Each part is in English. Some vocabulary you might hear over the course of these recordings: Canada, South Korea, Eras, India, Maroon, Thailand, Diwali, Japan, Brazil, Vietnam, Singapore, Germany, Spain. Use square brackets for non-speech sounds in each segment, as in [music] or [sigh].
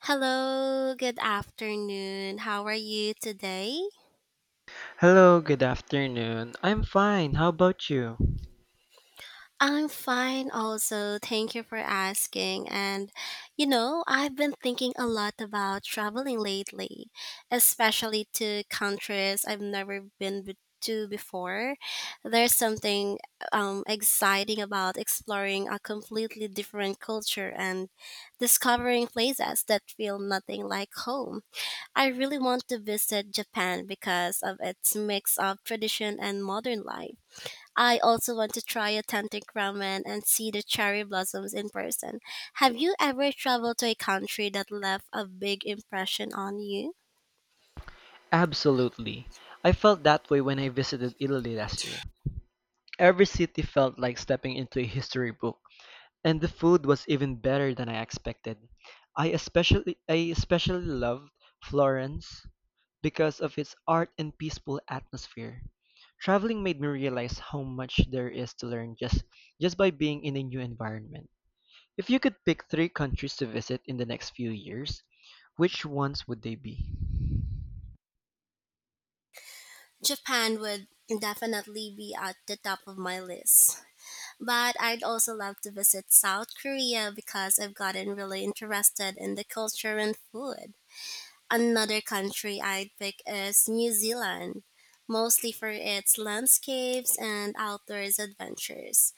Hello, good afternoon. How are you today? Hello, good afternoon. I'm fine. How about you? I'm fine also. Thank you for asking. And I've been thinking a lot about traveling lately, especially to countries I've never to before. There's something exciting about exploring a completely different culture and discovering places that feel nothing like home. I really want to visit Japan because of its mix of tradition and modern life. I also want to try authentic ramen and see the cherry blossoms in person. Have you ever traveled to a country that left a big impression on you? Absolutely. I felt that way when I visited Italy last year. Every city felt like stepping into a history book, and the food was even better than I expected. I especially loved Florence because of its art and peaceful atmosphere. Traveling made me realize how much there is to learn just by being in a new environment. If you could pick three countries to visit in the next few years, which ones would they be? Japan would definitely be at the top of my list. But I'd also love to visit South Korea because I've gotten really interested in the culture and food. Another country I'd pick is New Zealand, mostly for its landscapes and outdoors adventures.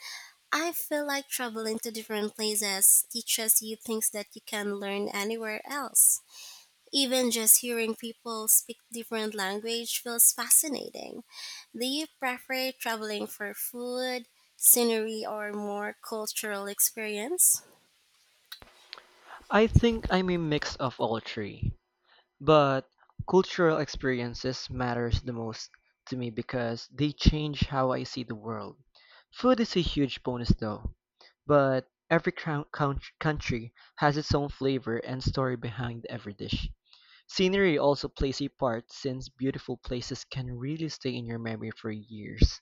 I feel like traveling to different places teaches you things that you can learn anywhere else. Even just hearing people speak different language feels fascinating. Do you prefer traveling for food, scenery, or more cultural experience? I think I'm a mix of all three, but cultural experiences matters the most to me because they change how I see the world. Food is a huge bonus though, but every country has its own flavor and story behind every dish. Scenery also plays a part since beautiful places can really stay in your memory for years.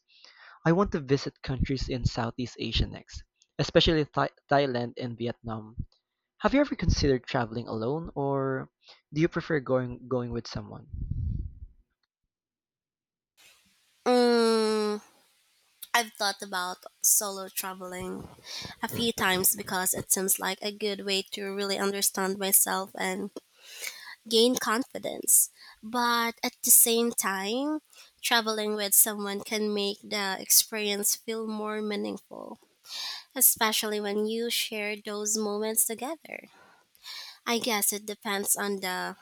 I want to visit countries in Southeast Asia next, especially Thailand and Vietnam. Have you ever considered traveling alone, or do you prefer going with someone? Mm, I've thought about solo traveling a few times because it seems like a good way to really understand myself and gain confidence. But at the same time, traveling with someone can make the experience feel more meaningful, especially when you share those moments together. I guess it depends on the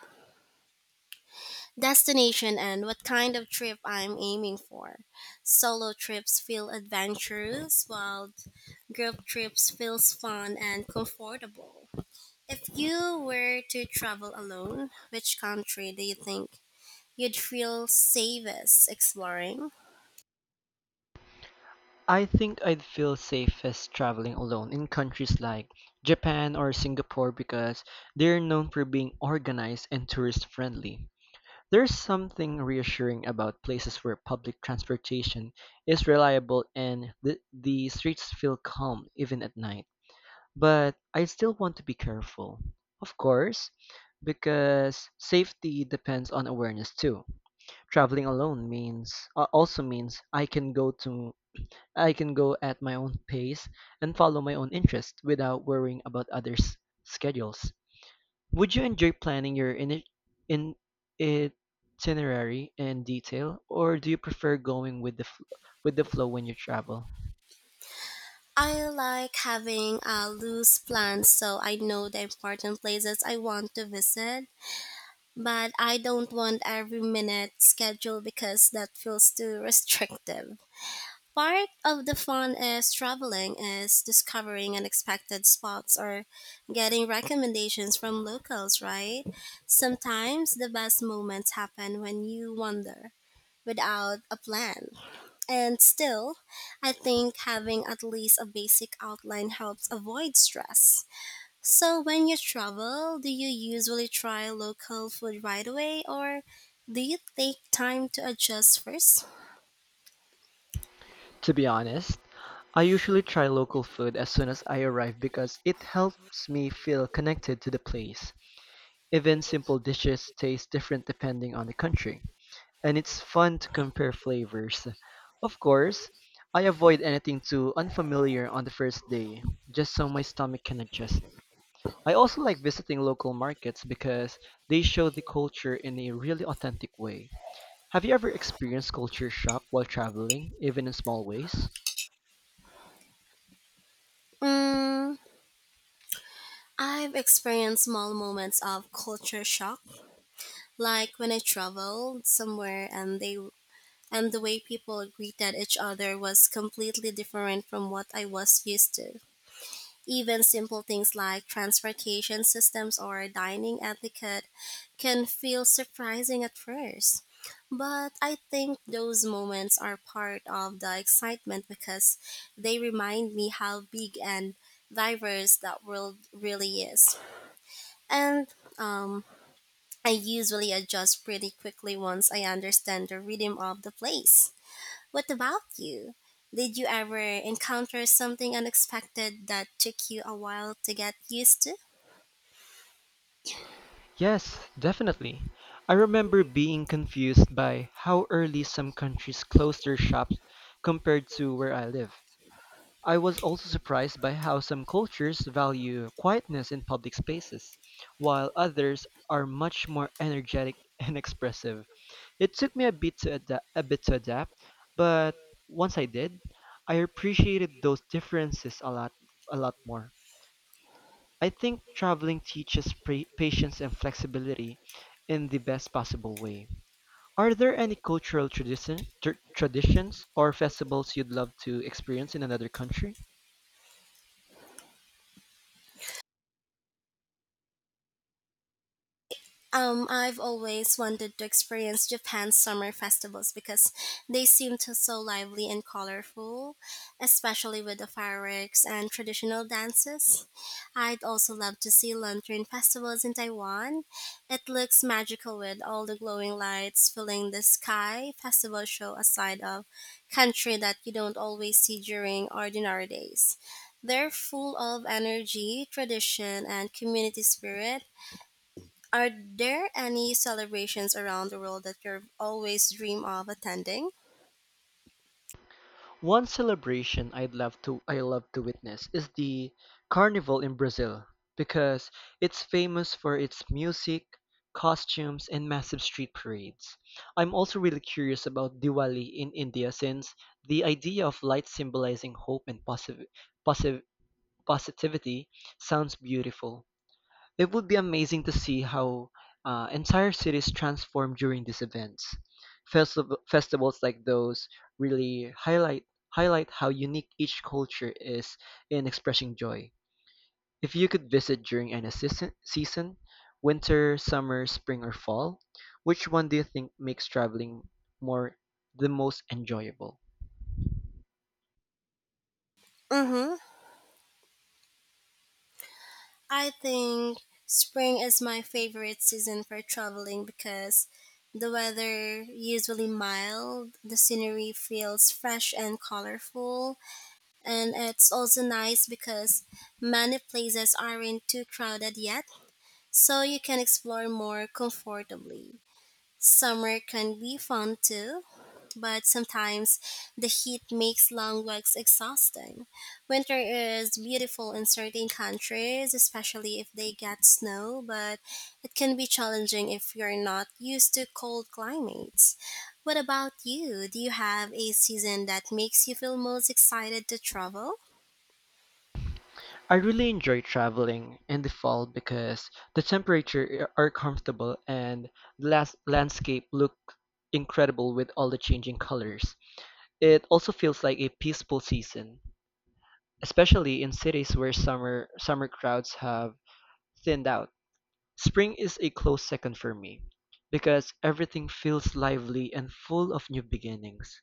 destination and what kind of trip I'm aiming for. Solo trips feel adventurous, while group trips feels fun and comfortable. If you were to travel alone, which country do you think you'd feel safest exploring? I think I'd feel safest traveling alone in countries like Japan or Singapore because they're known for being organized and tourist friendly. There's something reassuring about places where public transportation is reliable and the streets feel calm even at night. But I still want to be careful, of course, because safety depends on awareness too. Traveling alone means also means I can go at my own pace and follow my own interest without worrying about others' schedules. Would you enjoy planning your ini in itinerary in detail, or do you prefer going with the with the flow when you travel? I like having a loose plan so I know the important places I want to visit, but I don't want every minute schedule because that feels too restrictive. Part of the fun is traveling is discovering unexpected spots or getting recommendations from locals, right? Sometimes the best moments happen when you wander without a plan. And still, I think having at least a basic outline helps avoid stress. So when you travel, do you usually try local food right away or do you take time to adjust first? To be honest, I usually try local food as soon as I arrive because it helps me feel connected to the place. Even simple dishes taste different depending on the country, and it's fun to compare flavors. Of course, I avoid anything too unfamiliar on the first day, just so my stomach can adjust. I also like visiting local markets because they show the culture in a really authentic way. Have you ever experienced culture shock while traveling, even in small ways? Mm, I've experienced small moments of culture shock, like when I traveled somewhere and the way people greeted each other was completely different from what I was used to. Even simple things like transportation systems or dining etiquette can feel surprising at first. But I think those moments are part of the excitement because they remind me how big and diverse that world really is. And um, I usually adjust pretty quickly once I understand the rhythm of the place. What about you? Did you ever encounter something unexpected that took you a while to get used to? Yes, definitely. I remember being confused by how early some countries close their shops compared to where I live. I was also surprised by how some cultures value quietness in public spaces, while others are much more energetic [laughs] and expressive. It took me a bit to adapt, but once I did, I appreciated those differences a lot more. I think traveling teaches patience and flexibility in the best possible way. Are there any cultural traditions or festivals you'd love to experience in another country? I've always wanted to experience Japan's summer festivals because they seem to so lively and colorful, especially with the fireworks and traditional dances. I'd also love to see lantern festivals in Taiwan. It looks magical with all the glowing lights filling the sky. Festivals show a side of country that you don't always see during ordinary days. They're full of energy, tradition, and community spirit. Are there any celebrations around the world that you've always dream of attending? One celebration I love to witness is the carnival in Brazil because it's famous for its music, costumes, and massive street parades. I'm also really curious about Diwali in India since the idea of light symbolizing hope and positive, positive positivity sounds beautiful. It would be amazing to see how entire cities transform during these events. Festivals like those really highlight how unique each culture is in expressing joy. If you could visit during any season, winter, summer, spring, or fall, which one do you think makes traveling more the most enjoyable? Mm-hmm. I think spring is my favorite season for traveling because the weather usually mild, the scenery feels fresh and colorful, and it's also nice because many places aren't too crowded yet, so you can explore more comfortably. Summer can be fun too, but sometimes the heat makes long walks exhausting. Winter is beautiful in certain countries, especially if they get snow, but it can be challenging if you're not used to cold climates. What about you? Do you have a season that makes you feel most excited to travel? I really enjoy traveling in the fall because the temperature are comfortable and the landscape look incredible with all the changing colors. It also feels like a peaceful season, especially in cities where summer crowds have thinned out. Spring is a close second for me because everything feels lively and full of new beginnings.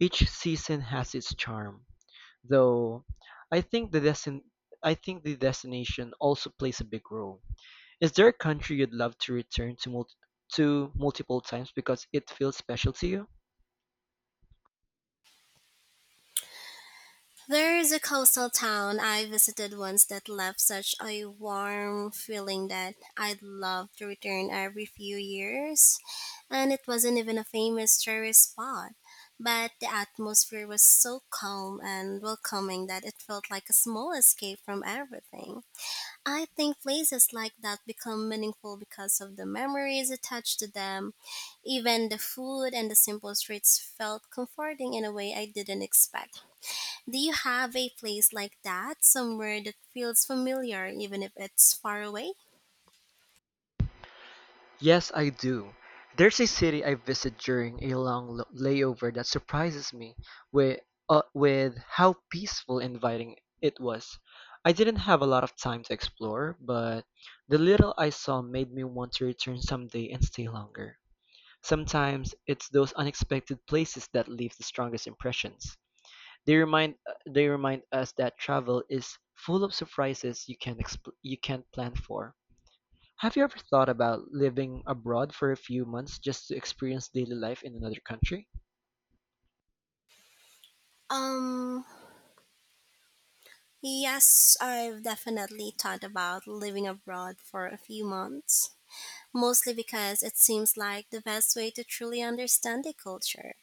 Each season has its charm, though I think the destin I think the destination also plays a big role. Is there a country you'd love to return to to multiple times because it feels special to you? There is a coastal town I visited once that left such a warm feeling that I'd love to return every few years. And it wasn't even a famous tourist spot, but the atmosphere was so calm and welcoming that it felt like a small escape from everything. I think places like that become meaningful because of the memories attached to them. Even the food and the simple streets felt comforting in a way I didn't expect. Do you have a place like that somewhere that feels familiar even if it's far away? Yes, I do. There's a city I visit during a long layover that surprises me with with how peaceful and inviting it was. I didn't have a lot of time to explore, but the little I saw made me want to return someday and stay longer. Sometimes it's those unexpected places that leave the strongest impressions. They remind us that travel is full of surprises you can't plan for. Have you ever thought about living abroad for a few months just to experience daily life in another country? Um, yes, I've definitely thought about living abroad for a few months, mostly because it seems like the best way to truly understand a culture.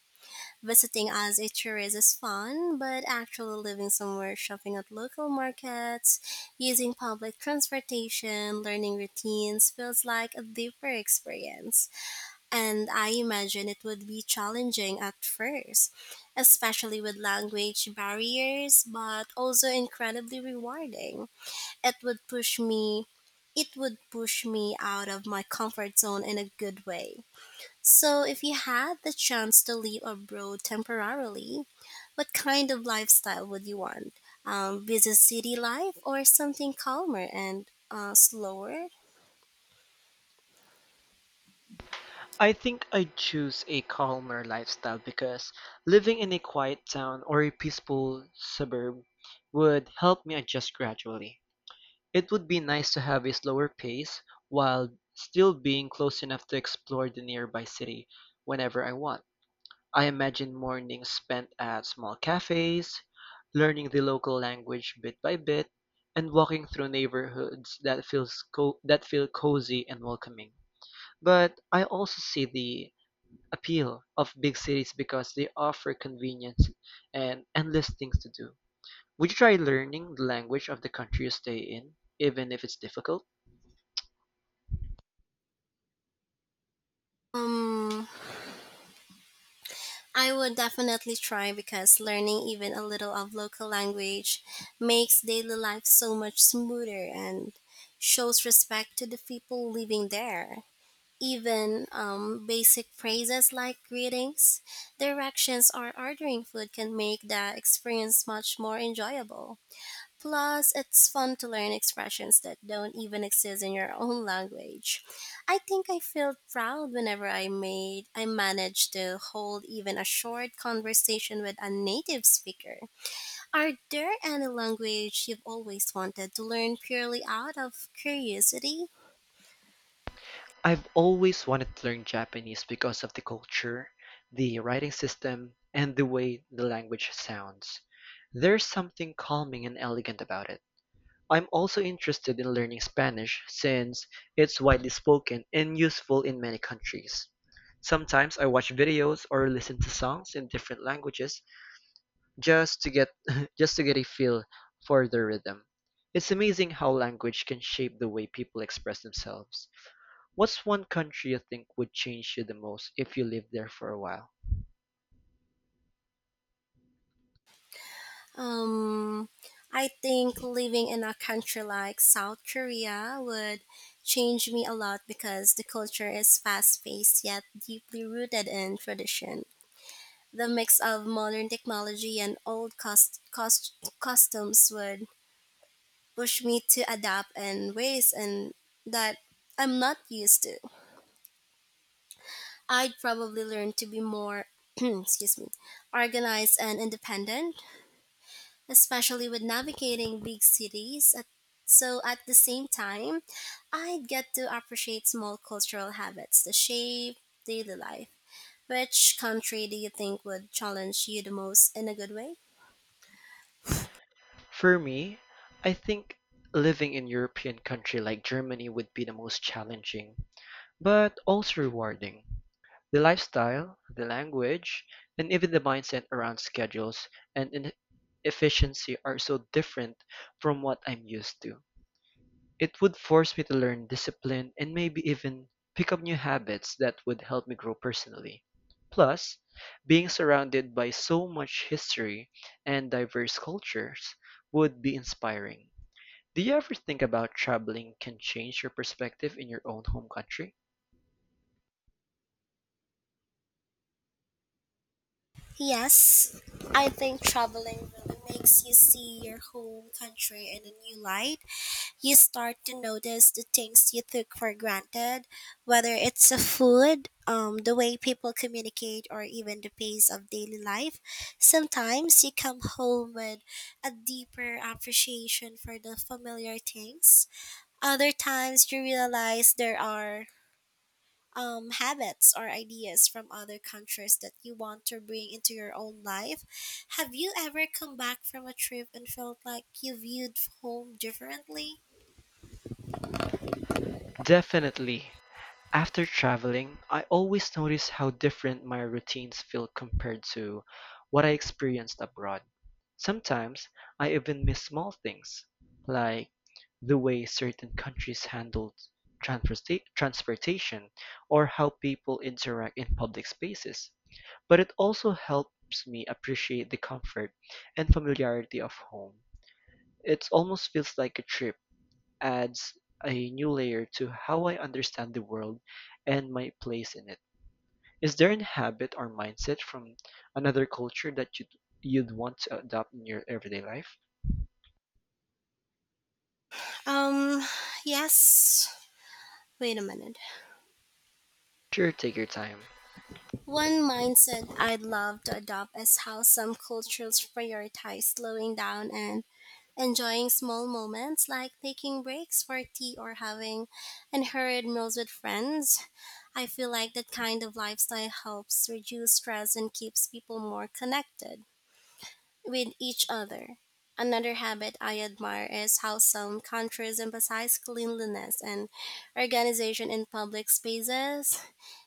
Visiting as a tourist is fun, but actually living somewhere, shopping at local markets, using public transportation, learning routines feels like a deeper experience. And I imagine it would be challenging at first, especially with language barriers, but also incredibly rewarding. It would push me it would push me out of my comfort zone in a good way. So if you had the chance to live abroad temporarily, what kind of lifestyle would you want? Busy city life or something calmer and slower? I think I'd choose a calmer lifestyle because living in a quiet town or a peaceful suburb would help me adjust gradually. It would be nice to have a slower pace, while still being close enough to explore the nearby city whenever I want. I imagine mornings spent at small cafes, learning the local language bit by bit, and walking through neighborhoods that feel cozy and welcoming. But I also see the appeal of big cities because they offer convenience and endless things to do. Would you try learning the language of the country you stay in, even if it's difficult? Um, I would definitely try because learning even a little of local language makes daily life so much smoother and shows respect to the people living there. Even basic phrases like greetings, directions, or ordering food can make the experience much more enjoyable. Plus, it's fun to learn expressions that don't even exist in your own language. I think I feel proud whenever I managed to hold even a short conversation with a native speaker. Are there any language you've always wanted to learn purely out of curiosity? I've always wanted to learn Japanese because of the culture, the writing system, and the way the language sounds. There's something calming and elegant about it. I'm also interested in learning Spanish since it's widely spoken and useful in many countries. Sometimes I watch videos or listen to songs in different languages just to get [laughs] just to get a feel for the rhythm. It's amazing how language can shape the way people express themselves. What's one country you think would change you the most if you lived there for a while? Um, I think living in a country like South Korea would change me a lot because the culture is fast paced yet deeply rooted in tradition. The mix of modern technology and old customs would push me to adapt in ways and that I'm not used to. I'd probably learn to be more [clears throat] excuse me, organized and independent, especially with navigating big cities. So at the same time, I'd get to appreciate small cultural habits, the shape, daily life. Which country do you think would challenge you the most in a good way? For me, I think living in European country like Germany would be the most challenging, but also rewarding. The lifestyle, the language, and even the mindset around schedules and efficiency are so different from what I'm used to. It would force me to learn discipline and maybe even pick up new habits that would help me grow personally. Plus, being surrounded by so much history and diverse cultures would be inspiring. Do you ever think about traveling can change your perspective in your own home country? Yes, I think traveling really makes you see your home country in a new light. You start to notice the things you took for granted, whether it's the food, the way people communicate, or even the pace of daily life. Sometimes you come home with a deeper appreciation for the familiar things. Other times you realize there are habits or ideas from other countries that you want to bring into your own life. Have you ever come back from a trip and felt like you viewed home differently? Definitely. After traveling, I always notice how different my routines feel compared to what I experienced abroad. Sometimes I even miss small things, like the way certain countries handle transportation or how people interact in public spaces. But it also helps me appreciate the comfort and familiarity of home. It almost feels like a trip adds a new layer to how I understand the world and my place in it. Is there a habit or mindset from another culture that you'd want to adopt in your everyday life? Um, yes. Wait a minute. Sure, take your time. One mindset I'd love to adopt is how some cultures prioritize slowing down and enjoying small moments like taking breaks for tea or having unhurried meals with friends. I feel like that kind of lifestyle helps reduce stress and keeps people more connected with each other. Another habit I admire is how some countries emphasize cleanliness and organization in public spaces.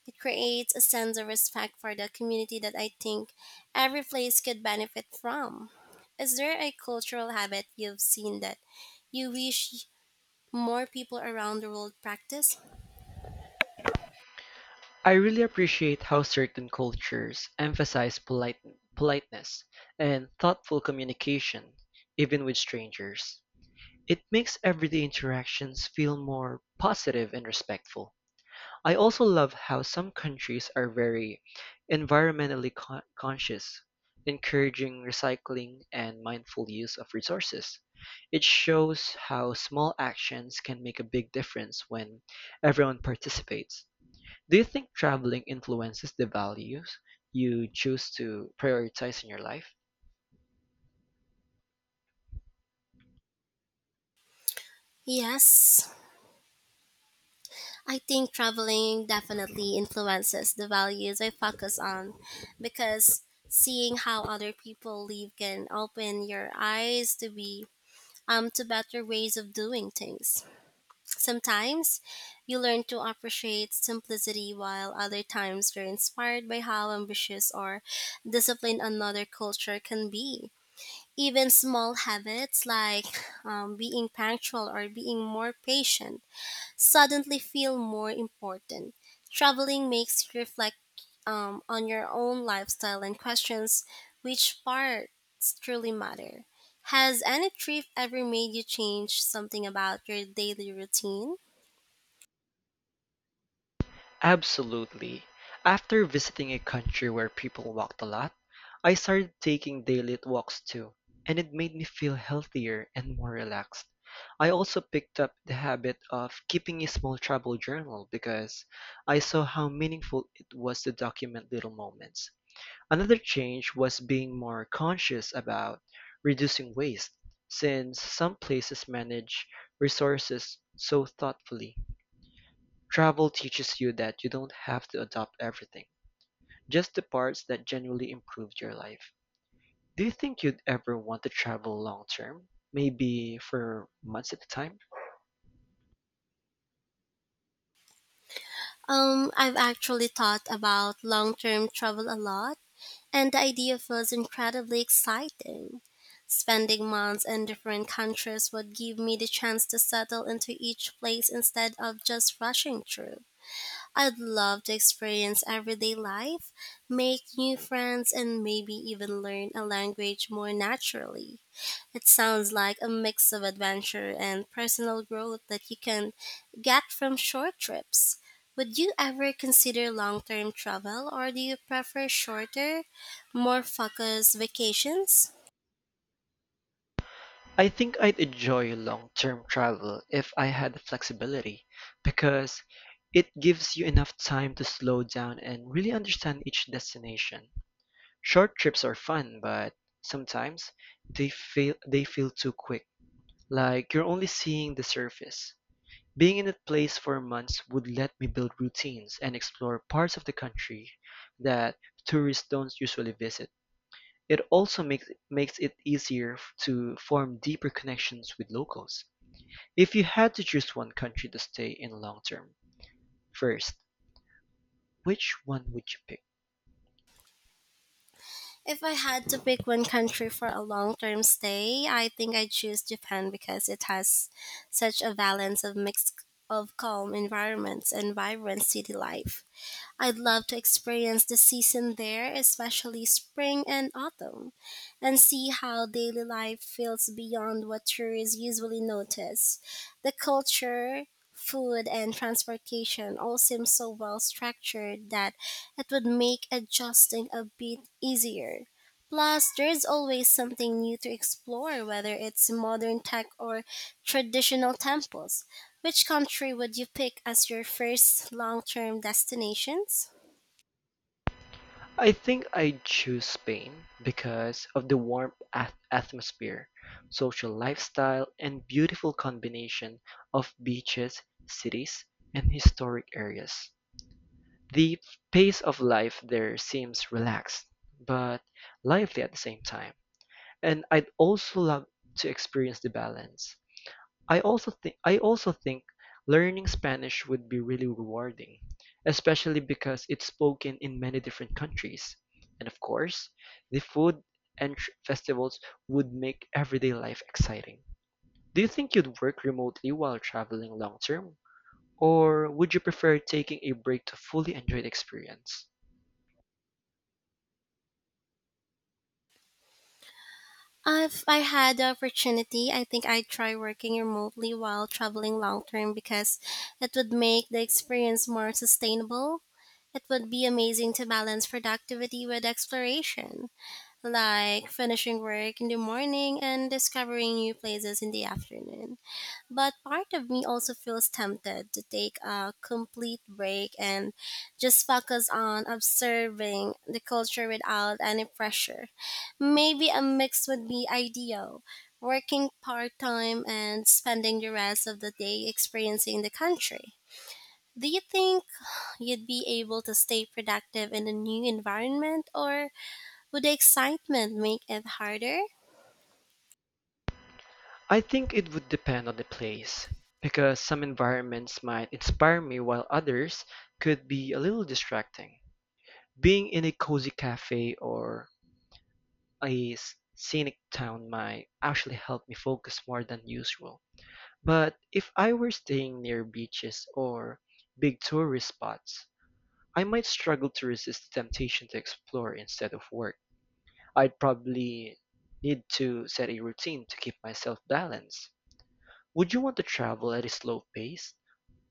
It creates a sense of respect for the community that I think every place could benefit from. Is there a cultural habit you've seen that you wish more people around the world practice? I really appreciate how certain cultures emphasize politeness and thoughtful communication, even with strangers. It makes everyday interactions feel more positive and respectful. I also love how some countries are very environmentally conscious, encouraging recycling and mindful use of resources. It shows how small actions can make a big difference when everyone participates. Do you think traveling influences the values you choose to prioritize in your life? Yes, I think traveling definitely influences the values I focus on because seeing how other people live can open your eyes to better ways of doing things. Sometimes you learn to appreciate simplicity while other times you're inspired by how ambitious or disciplined another culture can be. Even small habits like being punctual or being more patient suddenly feel more important. Traveling makes you reflect on your own lifestyle and questions which parts truly matter. Has any trip ever made you change something about your daily routine? Absolutely. After visiting a country where people walked a lot, I started taking daily walks too, and it made me feel healthier and more relaxed. I also picked up the habit of keeping a small travel journal because I saw how meaningful it was to document little moments. Another change was being more conscious about reducing waste, since some places manage resources so thoughtfully. Travel teaches you that you don't have to adopt everything, just the parts that genuinely improved your life. Do you think you'd ever want to travel long term? Maybe for months at a time? I've actually thought about long term travel a lot, and the idea feels incredibly exciting. Spending months in different countries would give me the chance to settle into each place instead of just rushing through. I'd love to experience everyday life, make new friends, and maybe even learn a language more naturally. It sounds like a mix of adventure and personal growth that you can get from short trips. Would you ever consider long term travel, or do you prefer shorter, more focused vacations? I think I'd enjoy long term travel if I had the flexibility because it gives you enough time to slow down and really understand each destination. Short trips are fun, but sometimes they feel too quick, like you're only seeing the surface. Being in that place for months would let me build routines and explore parts of the country that tourists don't usually visit. It also makes it easier to form deeper connections with locals. If you had to choose one country to stay in long term, first, which one would you pick? If I had to pick one country for a long term stay, I think I'd choose Japan because it has such a balance of mix of calm environments and vibrant city life. I'd love to experience the season there, especially spring and autumn, and see how daily life feels beyond what tourists usually notice. The culture, food, and transportation all seem so well structured that it would make adjusting a bit easier. Plus, there's always something new to explore, whether it's modern tech or traditional temples. Which country would you pick as your first long term destinations? I think I'd choose Spain because of the warm atmosphere, social lifestyle, and beautiful combination of beaches, cities, and historic areas. The pace of life there seems relaxed, but lively at the same time, and I'd also love to experience the balance. I also think learning Spanish would be really rewarding, especially because it's spoken in many different countries. And of course, the food and festivals would make everyday life exciting. Do you think you'd work remotely while traveling long term, or would you prefer taking a break to fully enjoy the experience? If I had the opportunity, I think I'd try working remotely while traveling long term because it would make the experience more sustainable. It would be amazing to balance productivity with exploration, like finishing work in the morning and discovering new places in the afternoon. But part of me also feels tempted to take a complete break and just focus on observing the culture without any pressure. Maybe a mix would be ideal, working part time and spending the rest of the day experiencing the country. Do you think you'd be able to stay productive in a new environment, or would the excitement make it harder? I think it would depend on the place, because some environments might inspire me while others could be a little distracting. Being in a cozy cafe or a scenic town might actually help me focus more than usual. But if I were staying near beaches or big tourist spots, I might struggle to resist the temptation to explore instead of work. I'd probably need to set a routine to keep myself balanced. Would you want to travel at a slow pace,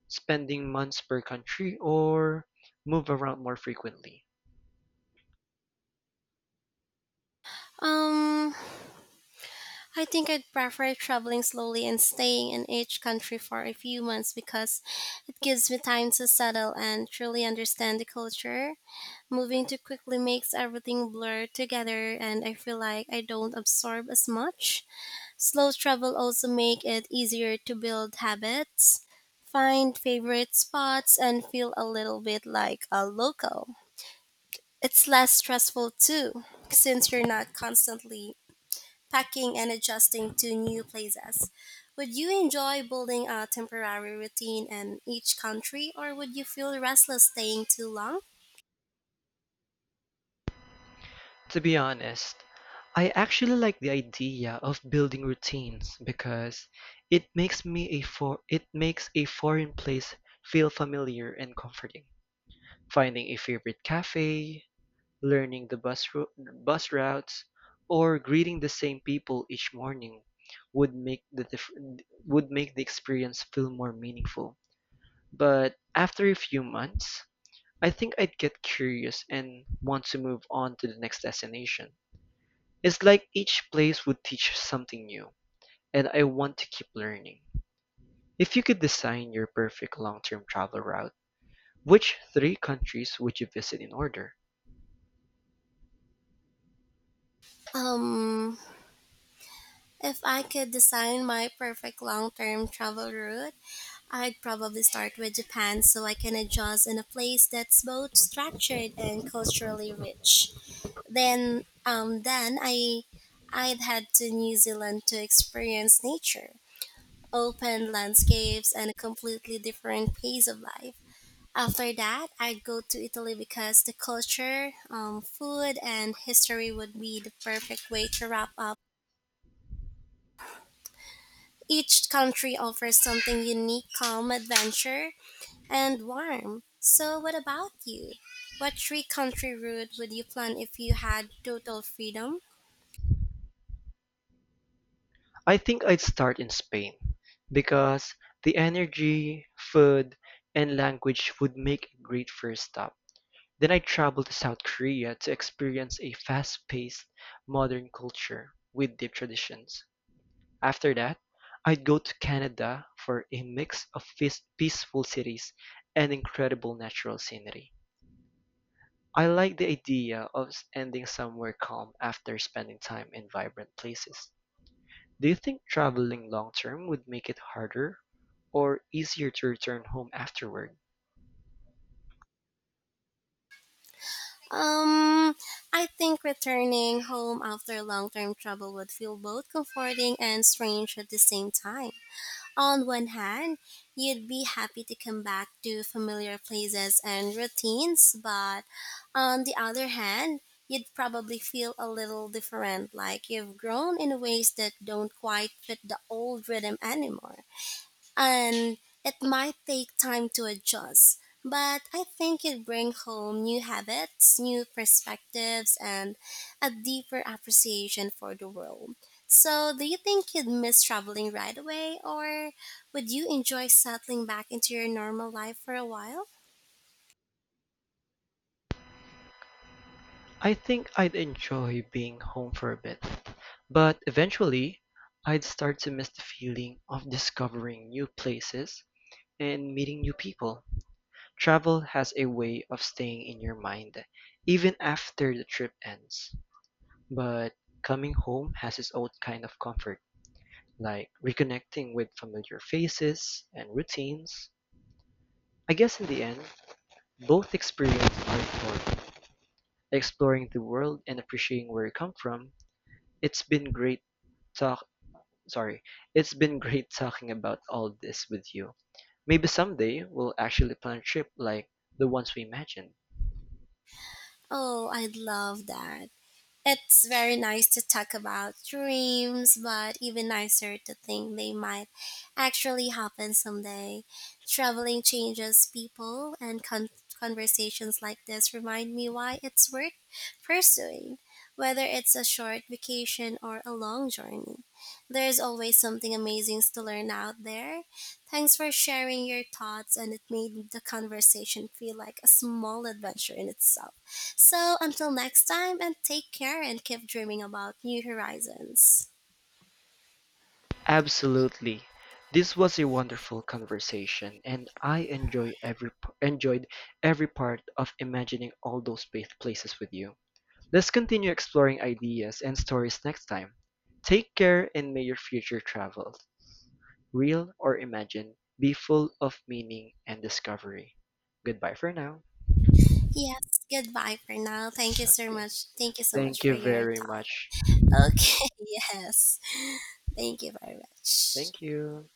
spending months per country, or move around more frequently? Um, I think I'd prefer traveling slowly and staying in each country for a few months because it gives me time to settle and truly understand the culture. Moving too quickly makes everything blur together and I feel like I don't absorb as much. Slow travel also make it easier to build habits, find favorite spots and feel a little bit like a local. It's less stressful too since you're not constantly packing and adjusting to new places. Would you enjoy building a temporary routine in each country or would you feel restless staying too long? To be honest, I actually like the idea of building routines because it makes a foreign place feel familiar and comforting. Finding a favorite cafe, learning the bus routes, or greeting the same people each morning would make the dif- would make the experience feel more meaningful. But after a few months, I think I'd get curious and want to move on to the next destination. It's like each place would teach something new, and I want to keep learning. If you could design your perfect long-term travel route, which three countries would you visit in order? Um, if I could design my perfect long-term travel route, I'd probably start with Japan so I can adjust in a place that's both structured and culturally rich. Then I I'd head to New Zealand to experience nature open landscapes, and a completely different pace of life. After that, I'd go to Italy because the culture, food, and history would be the perfect way to wrap up. Each country offers something unique, calm, adventure, and warm. So, what about you? What three country route would you plan if you had total freedom? I think I'd start in Spain because the energy, food, and language would make a great first stop. Then I'd travel to South Korea to experience a fast-paced, modern culture with deep traditions. After that, I'd go to Canada for a mix of peaceful cities and incredible natural scenery. I like the idea of ending somewhere calm after spending time in vibrant places. Do you think traveling long-term would make it harder or easier to return home afterward? Um, I think returning home after long term travel would feel both comforting and strange at the same time. On one hand, you'd be happy to come back to familiar places and routines, but on the other hand, you'd probably feel a little different, like you've grown in ways that don't quite fit the old rhythm anymore and it might take time to adjust. But I think it brings home new habits, new perspectives, and a deeper appreciation for the world. So, do you think you'd miss traveling right away, or would you enjoy settling back into your normal life for a while? I think I'd enjoy being home for a bit, but eventually I'd start to miss the feeling of discovering new places and meeting new people. Travel has a way of staying in your mind even after the trip ends, but coming home has its own kind of comfort, like reconnecting with familiar faces and routines. I guess in the end, yeah, both experiences are important: exploring the world and appreciating where you come from. It's been great talk sorry, it's been [laughs] great talking about all this with you. Maybe someday we'll actually plan a trip like the ones we imagined. Oh, I'd love that. It's very nice to talk about dreams, but even nicer to think they might actually happen someday. Traveling changes people, and conversations like this remind me why it's worth pursuing, whether it's a short vacation or a long journey. There's always something amazing to learn out there. Thanks for sharing your thoughts, and it made the conversation feel like a small adventure in itself. So until next time, and take care and keep dreaming about new horizons. Absolutely. This was a wonderful conversation and I enjoy every enjoyed every part of imagining all those places with you. Let's continue exploring ideas and stories next time. Take care and may your future travels real or imagined, be full of meaning and discovery. Goodbye for now. Yes, goodbye for now. Thank you so Okay. much. Thank you so much Thank for you your very much. thought. Okay, [laughs] yes. Thank you very much. Thank you.